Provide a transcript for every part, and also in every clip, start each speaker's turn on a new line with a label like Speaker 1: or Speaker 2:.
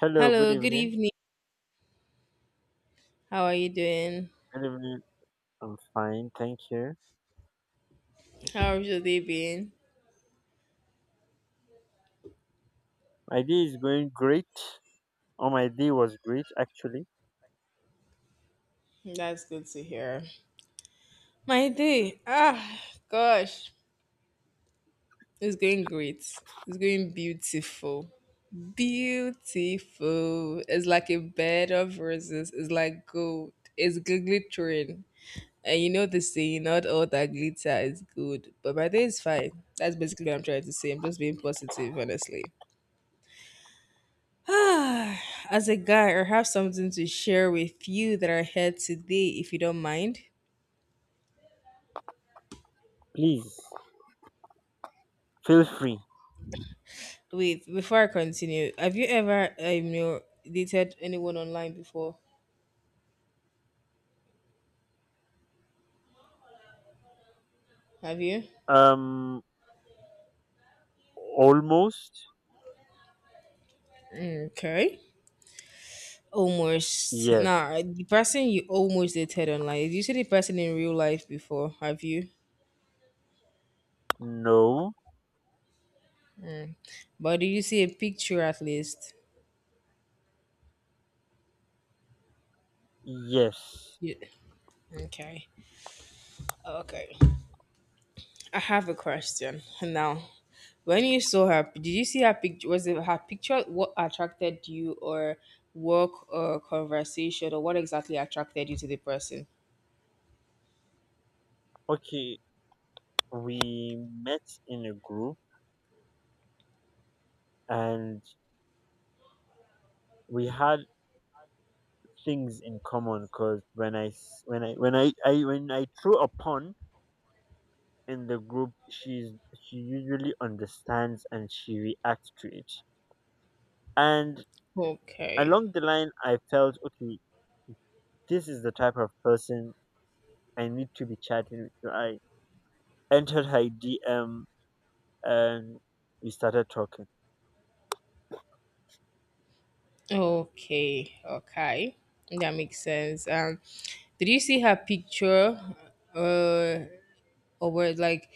Speaker 1: Hello, good
Speaker 2: Hello, good
Speaker 1: evening.
Speaker 2: evening. How are you doing?
Speaker 1: Good evening. I'm fine, thank you.
Speaker 2: How's your day been?
Speaker 1: My day is going great. Oh, my day was great actually.
Speaker 2: That's good to hear. My day, ah, gosh, it's going great. It's going beautiful. Beautiful. It's like a bed of roses. It's like gold. It's glittering. And you know the saying, not all that glitter is good. But my day is fine. That's basically what I'm trying to say. I'm just being positive, honestly. As a guy, I have something to share with you that I heard today, if you don't mind.
Speaker 1: Please feel free.
Speaker 2: Wait, before I continue, have you ever, you know, dated anyone online before? Have you?
Speaker 1: Um, almost
Speaker 2: Okay. Almost.
Speaker 1: yes.
Speaker 2: Nah, the person you almost dated online, did you see the person in real life before? Have you?
Speaker 1: No,
Speaker 2: But did you see a picture at least?
Speaker 1: yes.
Speaker 2: Yeah. Okay. Okay. I have a question now. When you saw her, did you see her picture? Was it her picture what attracted you, or work, or conversation, or what exactly attracted you to the person?
Speaker 1: Okay, we met in a group and we had things in common because when I s- when I when I throw a pun in the group, she usually understands and she reacts to it. And
Speaker 2: Okay,
Speaker 1: along the line I felt, okay, this is the type of person I need to be chatting with. So I entered her DM and we started talking.
Speaker 2: okay, that makes sense. Did you see her picture, uh, or were like,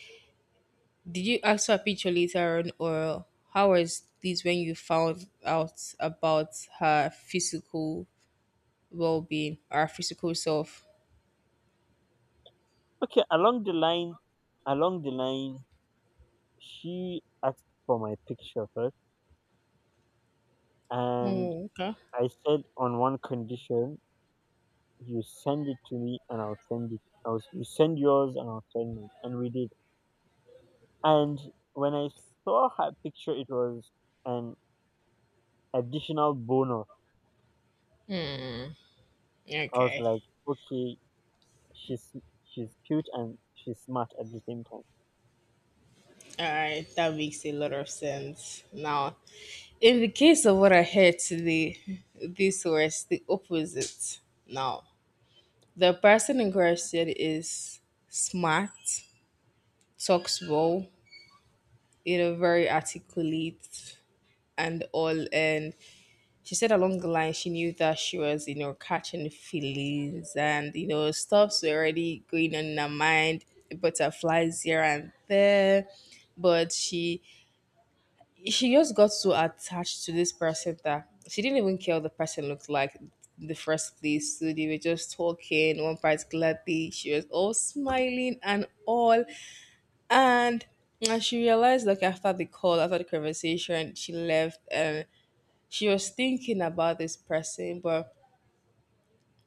Speaker 2: did you ask her picture later on, or how was this when you found out about her physical well-being, or her physical self?
Speaker 1: Okay, along the line she asked for my picture first. And
Speaker 2: Oh, okay.
Speaker 1: I said, on one condition: you send it to me and I'll send it I was You send yours and I'll send mine, and we did. And when I saw her picture, it was an additional bonus. I was
Speaker 2: Okay.
Speaker 1: like, okay, she's she's cute and she's smart at the same time.
Speaker 2: All right. That makes a lot of sense. Now, in the case of what I heard today, this was the opposite. Now, the person in question is smart, talks well, you know, very articulate and all. And she said along the line, she knew that she was, you know, catching feelings and, you know, stuff's already going on in her mind, butterflies here and there but she just got so attached to this person that she didn't even care what the person looked like in the first place. So they were just talking one particular day. She was all smiling and all. And and she realized like after the call, after the conversation, she left and she was thinking about this person, but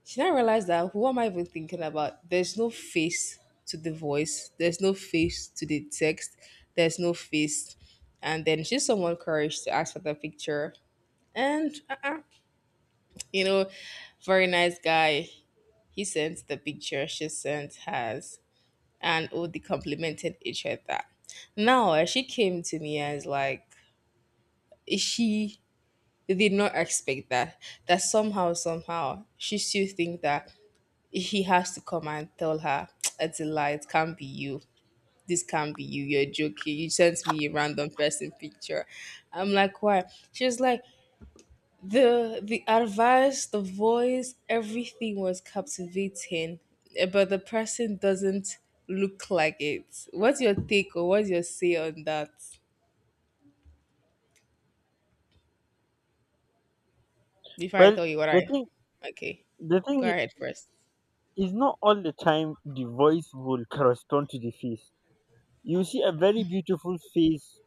Speaker 2: she didn't realize that who am I even thinking about? There's no face to the voice, there's no face to the text, there's no face and then she's someone courage to ask for the picture and uh-uh, you know, very nice guy. He sent the picture she sent hers, and oh, they complimented each other. Now she came to me and is like, she did not expect that. That somehow, somehow, she still think that he has to come and tell her, "It's a lie. It can't be you. This can't be you. You're joking. You sent me a random person picture." I'm like, "Why?" She was like, The advice, the voice, everything was captivating, eh, but the person doesn't look like it. What's your take or what's your say on that? Before I
Speaker 1: Well,
Speaker 2: tell you what
Speaker 1: the
Speaker 2: I,
Speaker 1: thing
Speaker 2: okay,
Speaker 1: the
Speaker 2: go
Speaker 1: thing
Speaker 2: ahead first.
Speaker 1: is not all the time the voice will correspond to the face. You see a very beautiful face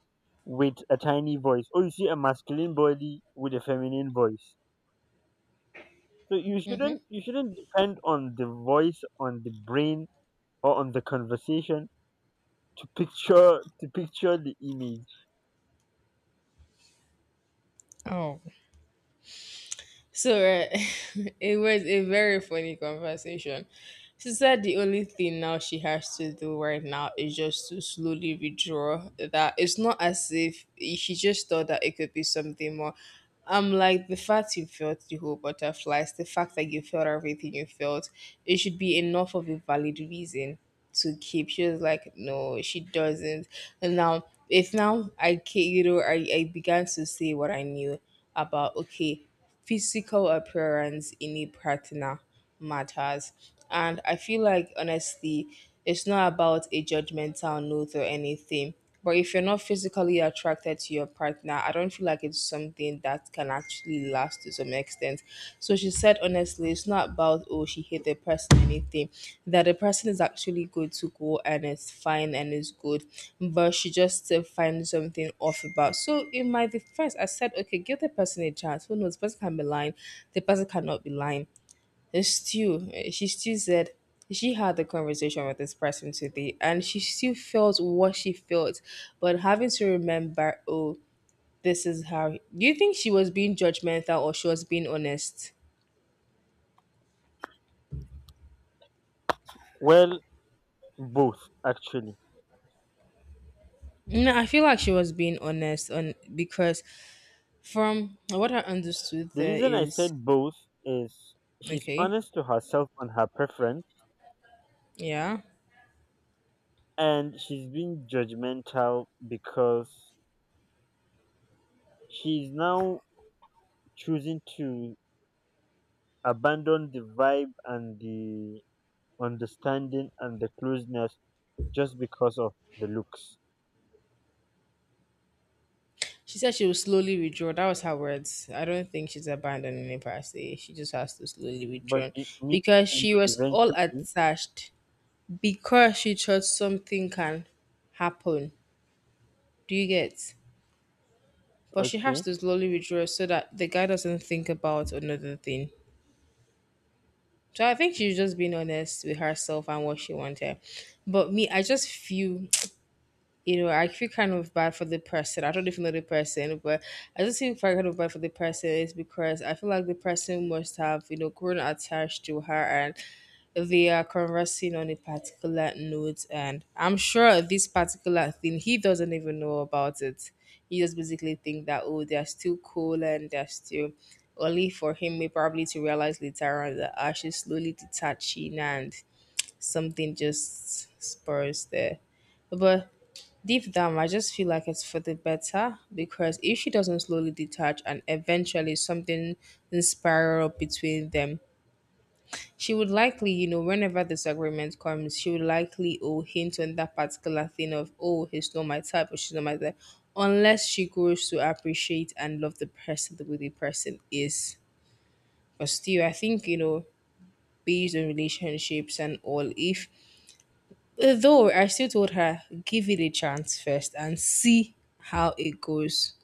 Speaker 1: with a tiny voice, or you see a masculine body with a feminine voice. So you
Speaker 2: Mm-hmm.
Speaker 1: shouldn't you shouldn't depend on the voice, on the brain, or on the conversation to picture the image.
Speaker 2: Oh, so it was a very funny conversation. She said the only thing now she has to do right now is just to slowly withdraw. That it's not as if she just thought that it could be something more. I'm like the fact you felt the whole butterflies, the fact that you felt everything you felt, it should be enough of a valid reason to keep. She was like, no, she doesn't. And now, if now you know, I began to say what I knew about, okay, physical appearance in a partner matters. And I feel like, honestly, it's not about a judgmental note or anything. But if you're not physically attracted to your partner, I don't feel like it's something that can actually last to some extent. So she said, honestly, it's not about, oh, she hate the person or anything, that the person is actually good to go and it's fine and it's good, but she just still finds something off about. So in my defense, I said, okay, give the person a chance. Who knows? The person can be lying, the person cannot be lying. Stu, she still said she had the conversation with this person today and she still felt what she felt, but having to remember, oh, this is how. Do you think she was being judgmental or she was being honest?
Speaker 1: Well, both actually.
Speaker 2: No, I feel like she was being honest on because from what I understood
Speaker 1: The
Speaker 2: there
Speaker 1: reason I
Speaker 2: is
Speaker 1: said both is she's
Speaker 2: okay,
Speaker 1: honest to herself on her preference,
Speaker 2: yeah.
Speaker 1: and she's being judgmental because she's now choosing to abandon the vibe and the understanding and the closeness just because of the looks.
Speaker 2: She said she will slowly withdraw. That was her words. I don't think she's abandoning it per se. She just has to slowly
Speaker 1: But
Speaker 2: withdraw
Speaker 1: it means
Speaker 2: because she was all
Speaker 1: eventually,
Speaker 2: attached because she thought something can happen. Do you get? But she has
Speaker 1: okay,
Speaker 2: to slowly withdraw so that the guy doesn't think about another thing. So I think she's just being honest with herself and what she wanted. But me, I just feel you know, I feel kind of bad for the person. I don't even know the person, but I just feel kind of bad for the person is because I feel like the person must have, you know, grown attached to her and they are conversing on a particular note. And I'm sure this particular thing, he doesn't even know about it. He just basically think that, oh, they're still cool and they're still only for him may probably to realize later on that ah, she's slowly detaching and something just spurs there. But deep down, I just feel like it's for the better because if she doesn't slowly detach and eventually something will spiral between them, she would likely, you know, whenever disagreement comes, she would likely oh hint on that particular thing of oh he's not my type or she's not my type, unless she grows to appreciate and love the person the way the person is. But still, I think you know, based on relationships and all, if though I still told her give it a chance first and see how it goes.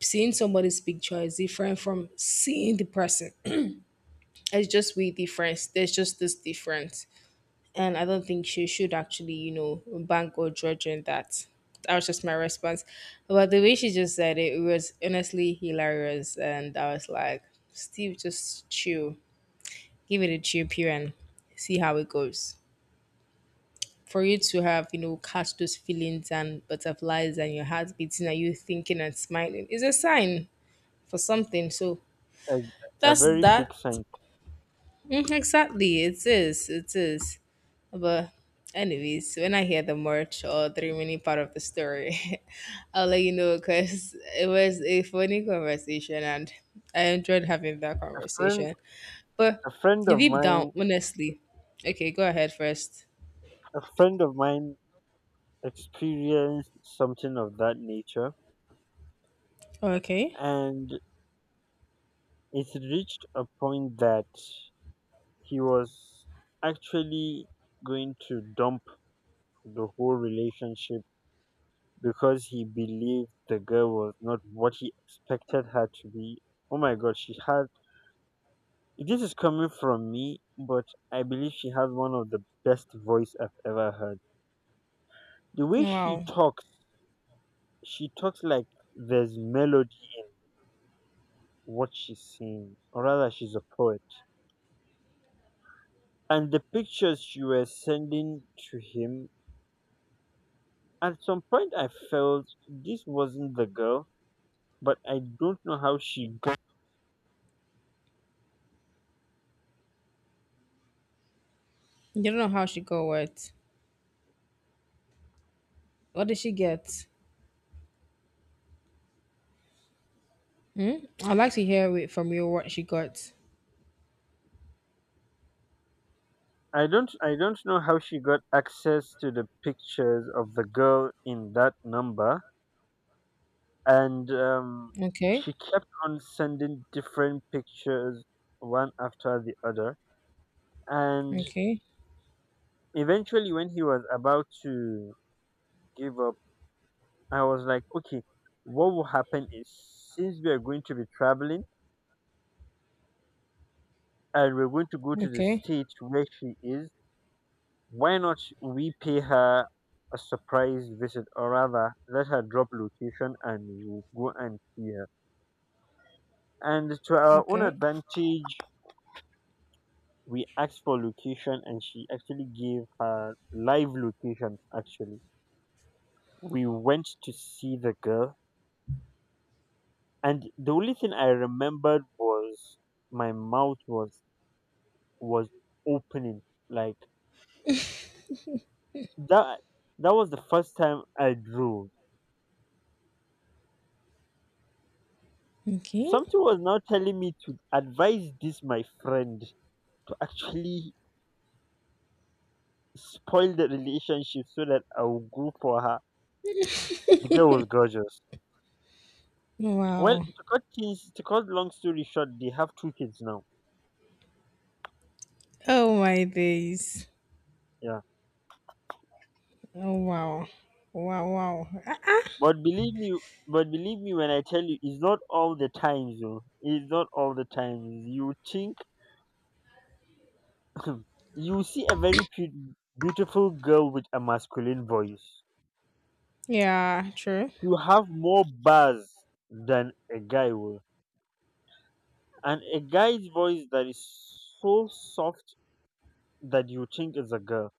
Speaker 2: Seeing somebody's picture is different from seeing the person. It's just way difference. There's just this difference. And I don't think she should actually, you know, bank or judge on that. That was just my response. But the way she just said it, it was honestly hilarious. And I was like, Steve, just chill. Give it a chill period and see how it goes for you to have you know catch those feelings and butterflies and your heart beating and you thinking and smiling is a sign for something so
Speaker 1: a, a
Speaker 2: that's
Speaker 1: very big
Speaker 2: that
Speaker 1: sign.
Speaker 2: Mm, exactly, it is, it is. But anyways, when I hear the merch or the remaining part of the story, I'll let you know because it was a funny conversation and I enjoyed having that
Speaker 1: A friend,
Speaker 2: conversation. But
Speaker 1: a friend of
Speaker 2: deep down,
Speaker 1: mine,
Speaker 2: honestly, okay, go ahead first.
Speaker 1: a friend of mine experienced something of that nature,
Speaker 2: Okay.
Speaker 1: and it reached a point that he was actually going to dump the whole relationship because he believed the girl was not what he expected her to be. Oh my god, she had this is coming from me, but I believe she has one of the best voice I've ever heard. The way
Speaker 2: Wow.
Speaker 1: she talks like there's melody in what she's saying, or rather, she's a poet. And the pictures she was sending to him. At some point, I felt this wasn't the girl, but I don't know how she got.
Speaker 2: You don't know how she got what. What did she get? Hmm? I'd like to hear it from you what she got.
Speaker 1: I don't. I don't know how she got access to the pictures of the girl in that number, and
Speaker 2: Okay.
Speaker 1: she kept on sending different pictures one after the other. And
Speaker 2: Okay.
Speaker 1: eventually, when he was about to give up, I was like, okay, what will happen is, since we are going to be traveling and we're going to go to the
Speaker 2: Okay.
Speaker 1: state where she is. Why not we pay her a surprise visit? Or rather, let her drop location and we'll go and see her. And to our own
Speaker 2: Okay.
Speaker 1: advantage, we asked for location, and she actually gave her live location. Actually, we went to see the girl, and the only thing I remembered was my mouth was was opening like that. That was the first time I drove.
Speaker 2: Okay.
Speaker 1: Something was now telling me to advise this my friend to actually spoil the relationship so that I will go for her. The girl was gorgeous. Well,
Speaker 2: Wow.
Speaker 1: to cut long story short, they have two kids now.
Speaker 2: Oh my days.
Speaker 1: Yeah,
Speaker 2: Oh wow. Wow wow. Ah, ah.
Speaker 1: but believe me when I tell you, it's not all the times, though. It's not all the times. You think you see a very beautiful girl with a masculine voice.
Speaker 2: Yeah, true.
Speaker 1: You have more bars than a guy will. And a guy's voice that is so soft that you think is a girl.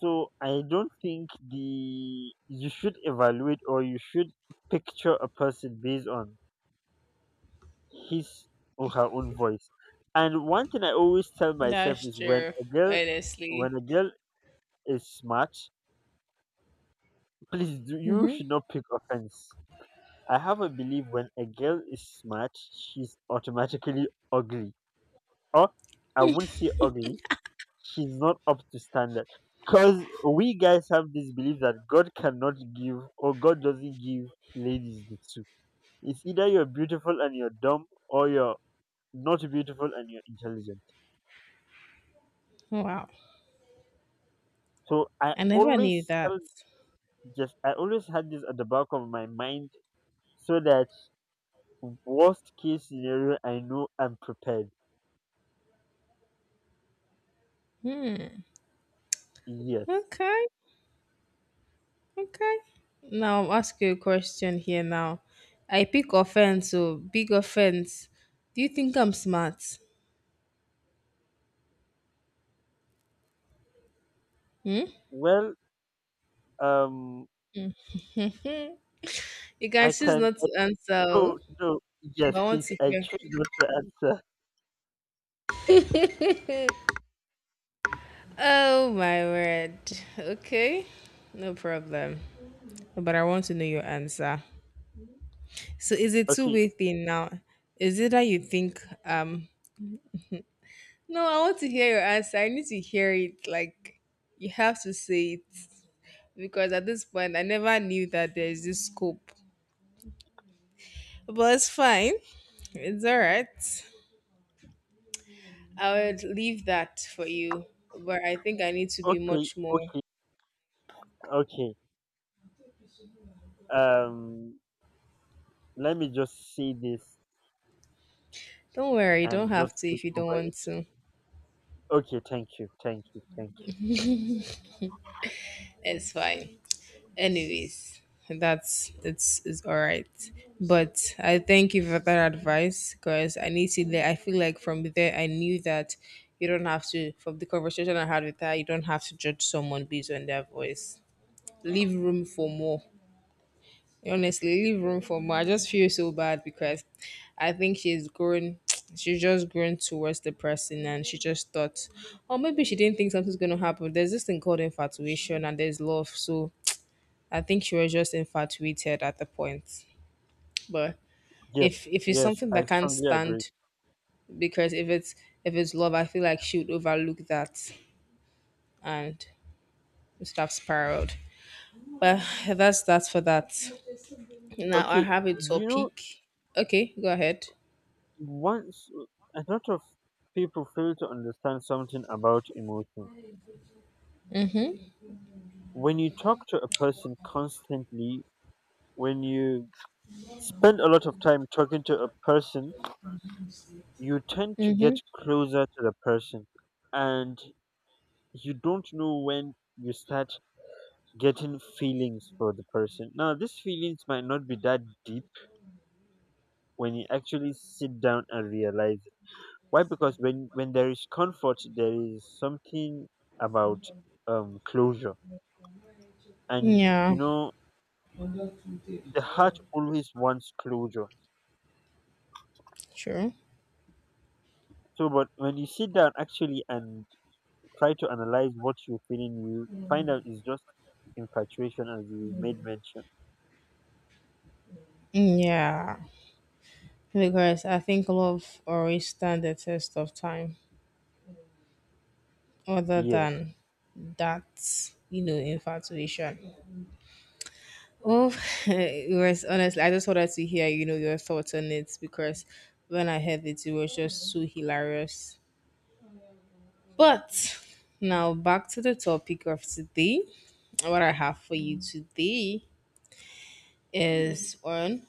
Speaker 1: So I don't think the you should evaluate, or you should picture a person based on his or her own voice. And one thing I always tell myself
Speaker 2: That's
Speaker 1: is, when
Speaker 2: true.
Speaker 1: a girl when
Speaker 2: Honestly.
Speaker 1: a girl is smart, please do, you
Speaker 2: Mm-hmm.
Speaker 1: should not pick offense. I have a belief: when a girl is smart, she's automatically ugly. Or I wouldn't say ugly, she's not up to standard, because we guys have this belief that god cannot give, or god doesn't give ladies the two. It's either you're beautiful and you're dumb, or you're not beautiful and you're intelligent.
Speaker 2: Wow.
Speaker 1: So I
Speaker 2: I never knew
Speaker 1: always
Speaker 2: that.
Speaker 1: tell just I always had this at the back of my mind, so that worst case scenario, I know I'm prepared. Yes.
Speaker 2: Okay. Okay. Now I'm asking you a question here now. I pick offense, so big offense. Do you think I'm smart?
Speaker 1: Well, um
Speaker 2: You can
Speaker 1: I
Speaker 2: choose
Speaker 1: can
Speaker 2: not to answer.
Speaker 1: no,
Speaker 2: Oh.
Speaker 1: no, yes,
Speaker 2: I want
Speaker 1: please,
Speaker 2: to
Speaker 1: I
Speaker 2: hear.
Speaker 1: choose not to answer.
Speaker 2: Oh my word. Okay. No problem. But I want to know your answer. So it's a
Speaker 1: Okay,
Speaker 2: two-way thing now. Is it that you think, no, I want to hear your answer. I need to hear it. Like you have to say it because at this point, I never knew that there is this scope. But it's fine. It's all right. I would leave that for you. But I think I need to be
Speaker 1: okay,
Speaker 2: much more.
Speaker 1: okay. Okay. Um, let me just see this
Speaker 2: Don't worry. You don't
Speaker 1: and
Speaker 2: have
Speaker 1: just
Speaker 2: to
Speaker 1: get
Speaker 2: if you don't
Speaker 1: over
Speaker 2: want
Speaker 1: it.
Speaker 2: to.
Speaker 1: Okay, thank you, thank you, thank
Speaker 2: It's fine. Anyways, that's it's all right, but I thank you for that advice because I need to, I feel like from there I knew that you don't have to, from the conversation I had with her, you don't have to judge someone based on their voice. Leave room for more, honestly, leave room for more. I just feel so bad because I think she's grown she's just grown towards the person and she just thought or maybe she didn't think something's going to happen. There's this thing called infatuation and there's love, so I think she was just infatuated at the point. But
Speaker 1: you. Yes,
Speaker 2: if it's
Speaker 1: yes,
Speaker 2: something
Speaker 1: I
Speaker 2: that can't
Speaker 1: strongly agree.
Speaker 2: stand, because if it's love, I feel like she would overlook that and it would have spiraled. But that's for that. Now I
Speaker 1: Okay,
Speaker 2: have a
Speaker 1: you know,
Speaker 2: topic. Okay, go ahead.
Speaker 1: once a lot of people fail to understand something about emotion. When you talk to a person constantly, when you spend a lot of time talking to a person, you tend to
Speaker 2: Mm-hmm.
Speaker 1: get closer to the person, and you don't know when you start getting feelings for the person. Now, these feelings might not be that deep when you actually sit down and realize it. Why? Because when there is comfort, there is something about closure, and
Speaker 2: Yeah,
Speaker 1: you know the heart always wants closure.
Speaker 2: true.
Speaker 1: So, but when you sit down actually and try to analyze what you're feeling, you find out it's just infatuation, as you made mention.
Speaker 2: Yeah, because I think love always stand the test of time, other
Speaker 1: Yes,
Speaker 2: than that, you know, infatuation. Oh, it was honestly, I just wanted to hear, you know, your thoughts on it because when I heard it, it was just so hilarious. But now back to the topic of today. What I have for you today is on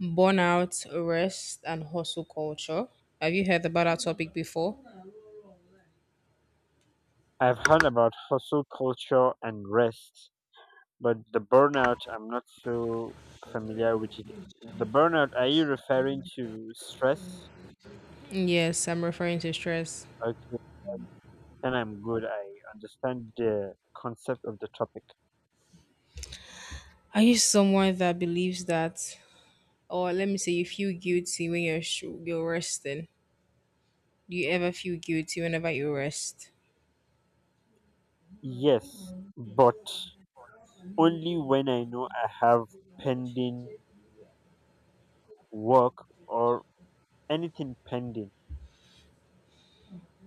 Speaker 2: burnout, rest, and hustle culture. Have you heard about our topic before?
Speaker 1: I've heard about hustle culture and rest. But the burnout, I'm not so familiar with it. The burnout, are you referring to stress?
Speaker 2: Yes, I'm referring to stress.
Speaker 1: Okay, then I'm good. I understand the concept of the topic.
Speaker 2: Are you someone that believes that, or let me say, you feel guilty when you're resting? Do you ever feel guilty whenever you rest?
Speaker 1: Yes, but only when I know I have pending work or anything pending.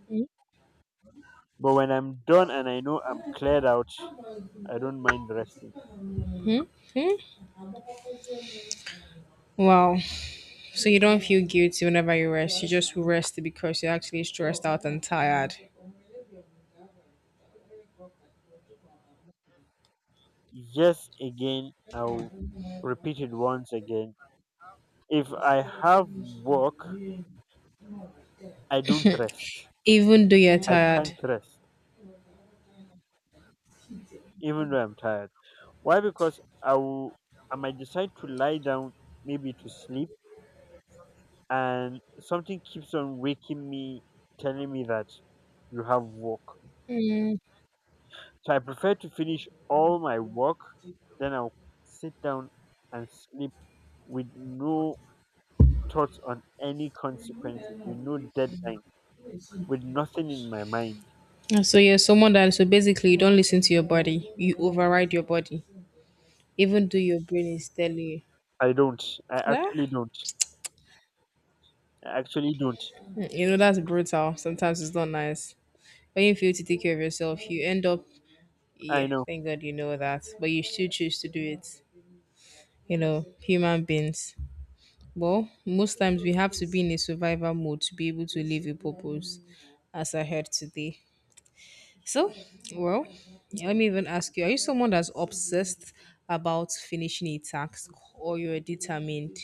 Speaker 2: Mm.
Speaker 1: But when I'm done and I know I'm cleared out, I don't mind resting.
Speaker 2: Hmm? Hmm? Wow. So you don't feel guilty whenever you rest. You just rest because you're actually stressed out and tired,
Speaker 1: Yes, again, I'll repeat it once again. If I have work, I don't rest.
Speaker 2: even though you're
Speaker 1: I can't
Speaker 2: tired.
Speaker 1: rest, even though I'm tired. Why? Because I might decide to lie down, maybe to sleep, and something keeps on waking me, telling me that you have work.
Speaker 2: Mm.
Speaker 1: So I prefer to finish all my work, then I'll sit down and sleep with no thoughts on any consequences, with no deadline, with nothing in my mind.
Speaker 2: So you're someone that, so basically you don't listen to your body. You override your body, even though your brain is telling you.
Speaker 1: I don't. I
Speaker 2: Nah.
Speaker 1: actually don't. I actually don't.
Speaker 2: Mm, you know that's brutal. Sometimes it's not nice. When you feel to take care of yourself, you end up. Yeah,
Speaker 1: I know.
Speaker 2: thank God you know that, but you still choose to do it. You know, human beings. Well, most times we have to be in a survival mode to be able to live a purpose, as I heard today. So, well, yeah, let me even ask you, are you someone that's obsessed about finishing a task, or you're determined?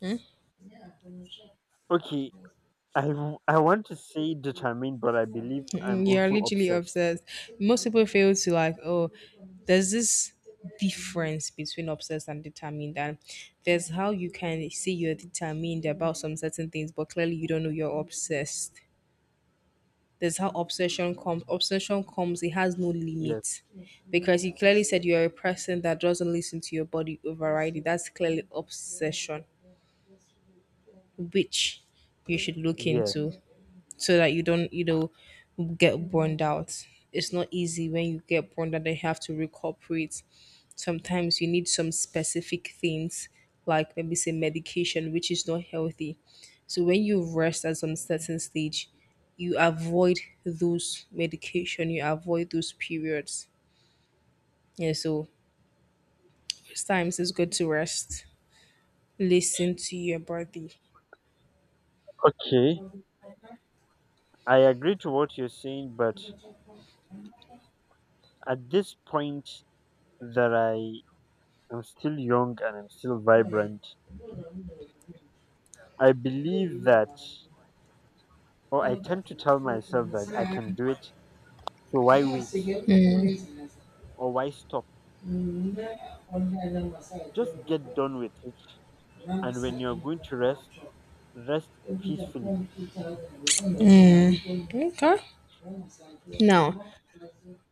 Speaker 2: Hmm?
Speaker 1: Okay, I want to say determined, but I believe I'm
Speaker 2: Mm, you're
Speaker 1: also
Speaker 2: literally
Speaker 1: obsessed.
Speaker 2: obsessed. Most people fail to, like, oh, there's this difference between obsessed and determined, and there's how you can say you're determined about some certain things but clearly you don't know you're obsessed. There's how obsession comes. Obsession comes, it has no
Speaker 1: Yes,
Speaker 2: limit. Because you clearly said you're a person that doesn't listen to your body, overriding. That's clearly obsession, which you should look into
Speaker 1: yes.
Speaker 2: so that you don't, you know, get burned out. It's not easy when you get burned out, they have to recuperate. Sometimes you need some specific things, like maybe say medication, which is not healthy. So when you rest at some certain stage, you avoid those medication, you avoid those periods. Yeah, so most times it's good to rest, listen to your body.
Speaker 1: Okay, I agree to what you're saying, but at this point that I am still young and I'm still vibrant, I believe that, or I tend to tell myself that I can do it. So why wait? Or why stop? Just get done with it. And when you're going to rest, rest peacefully.
Speaker 2: Mm, okay. Now,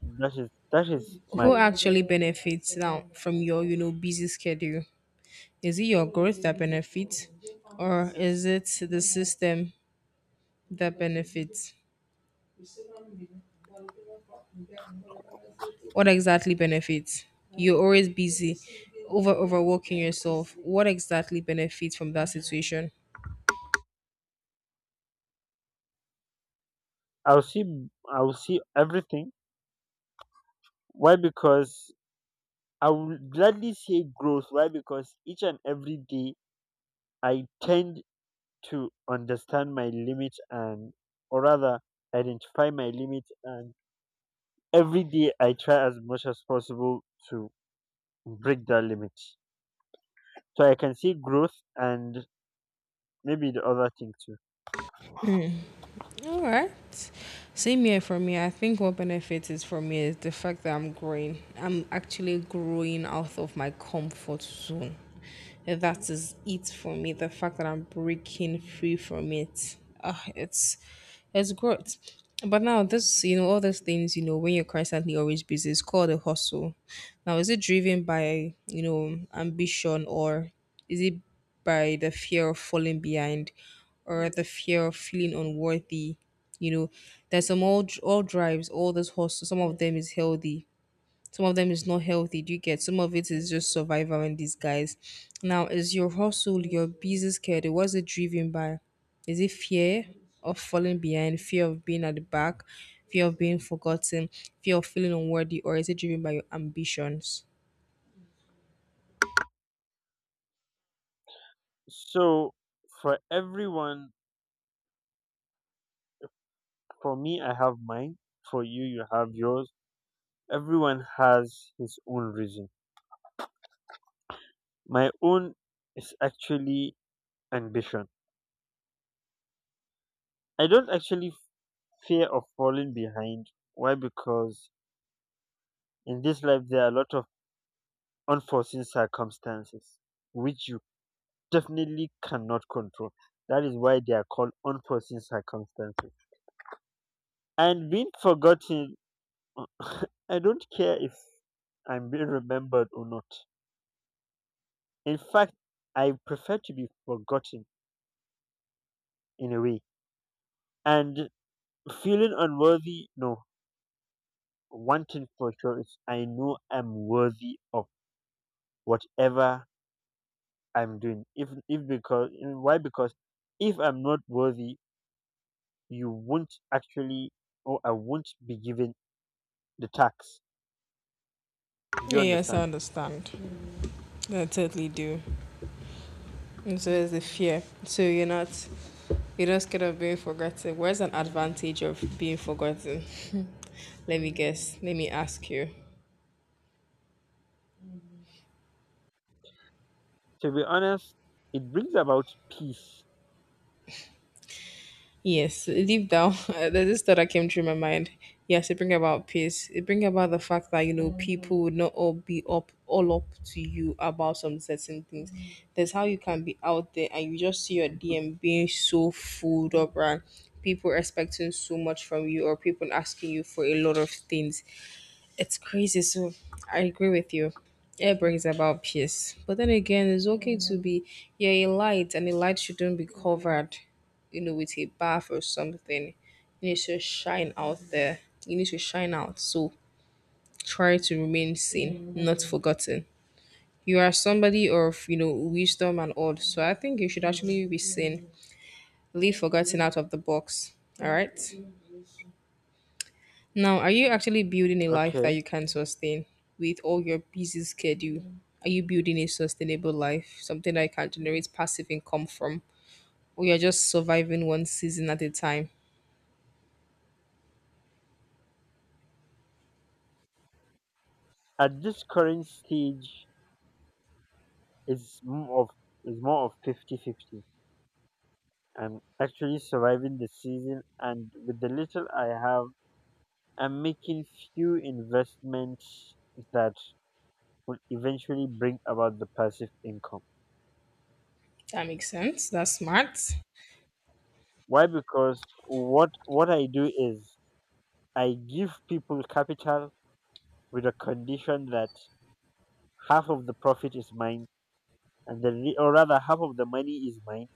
Speaker 1: That is my.
Speaker 2: who actually benefits now from your, you know, busy schedule? Is it your growth that benefits, or is it the system that benefits? What exactly benefits? You're always busy, overworking yourself. What exactly benefits from that situation?
Speaker 1: I'll see. I'll see everything. Why? Because I would gladly say growth. Why? Because each and every day I tend to understand my limit, and, or rather, identify my limit. And every day I try as much as possible to break that limit. So I can see growth and maybe the other thing too.
Speaker 2: All right. Same here for me. I think what benefits, is for me, is the fact that I'm growing. I'm actually growing out of my comfort zone. And that is it for me. The fact that I'm breaking free from it. Ah, it's growth. But now this, you know, all those things, you know, when you're constantly always busy, it's called a hustle. Now, is it driven by, you know, ambition, or is it by the fear of falling behind, or the fear of feeling unworthy? You know, there's some, all drives, all this hustle. Some of them is healthy, some of them is not healthy. Do you get? Some of it is just survival in disguise. Now, is your hustle, your business schedule, what's it driven by? Is it fear of falling behind, fear of being at the back, fear of being forgotten, fear of feeling unworthy, or is it driven by your ambitions?
Speaker 1: So for everyone, for me, I have mine. For you, you have yours. Everyone has his own reason. My own is actually ambition. I don't actually fear of falling behind. Why? Because in this life there are a lot of unforeseen circumstances which you definitely cannot control. That is why they are called unforeseen circumstances. And being forgotten, I don't care if I'm being remembered or not. In fact, I prefer to be forgotten in a way. And feeling unworthy, no. One thing for sure is I know I'm worthy of whatever I'm doing. If because why because if I'm not worthy, you won't actually, or I won't be given the tax. Do you
Speaker 2: Yes, I
Speaker 1: understand?
Speaker 2: understand. I totally do. And so there's the fear. So you're not scared of being forgotten. Where's an advantage of being forgotten? Let me guess. Let me ask you.
Speaker 1: To be honest, it brings about peace.
Speaker 2: Yes, deep down, there's this thought that came through my mind. Yes, it bring about peace. It bring about the fact that, you know, people would not all be up all up to you about some certain things. There's how you can be out there and you just see your DM being so full up, right? People expecting so much from you, or people asking you for a lot of things. It's crazy. So I agree with you. It brings about peace. But then again, it's okay to be, yeah, a light, and a light shouldn't be covered, you know, with a bath or something. You need to shine out there. You need to shine out. So try to remain seen, not forgotten. You are somebody of, you know, wisdom and all. So I think you should actually be seen. Leave forgotten out of the box. All right? Now, are you actually building a life that
Speaker 1: Okay,
Speaker 2: you can sustain with all your busy schedule? Are you building a sustainable life, something that you can generate passive income from, or you're just surviving one season at a time?
Speaker 1: at this current stage, it's more of fifty-fifty, 50. I'm actually surviving the season, and with the little I have, I'm making few investments that will eventually bring about the passive income.
Speaker 2: That makes sense. That's smart.
Speaker 1: Why? Because what I do is I give people capital with a condition that half of the profit is mine, and or rather half of the money is mine,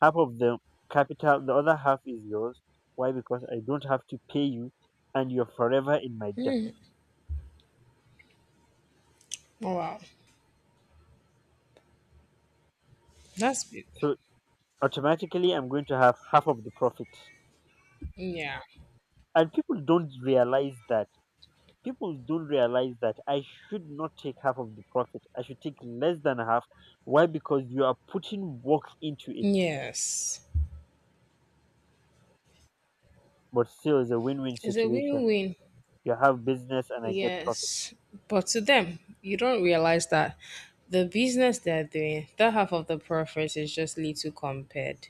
Speaker 1: half of the capital, the other half is yours. Why? Because I don't have to pay you, and you're forever in my debt.
Speaker 2: Oh, wow, that's big.
Speaker 1: So automatically, I'm going to have half of the profit,
Speaker 2: Yeah.
Speaker 1: and people don't realize that I should not take half of the profit. I should take less than half. Why? Because you are putting work into it.
Speaker 2: Yes.
Speaker 1: But still, it's a win-win
Speaker 2: It's a
Speaker 1: situation.
Speaker 2: win-win.
Speaker 1: You have business and I get profit.
Speaker 2: Yes. But to them, you don't realize that the business they're doing, that half of the profit is just little compared.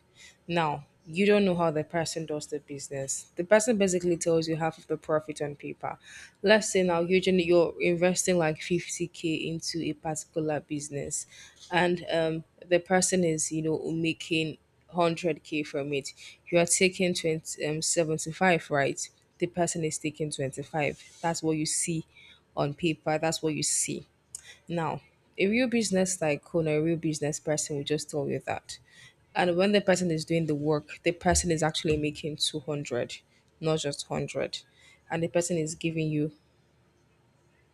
Speaker 2: Now, you don't know how the person does the business. The person basically tells you half of the profit on paper. Let's say now usually you're investing like 50K into a particular business and the person is, you know, making 100K from it. You are taking 75, right? The person is taking 25. That's what you see on paper. That's what you see. Now, a real business tycoon, a real business person will just tell you that, and when the person is doing the work, the person is actually making 200, not just 100, and the person is giving you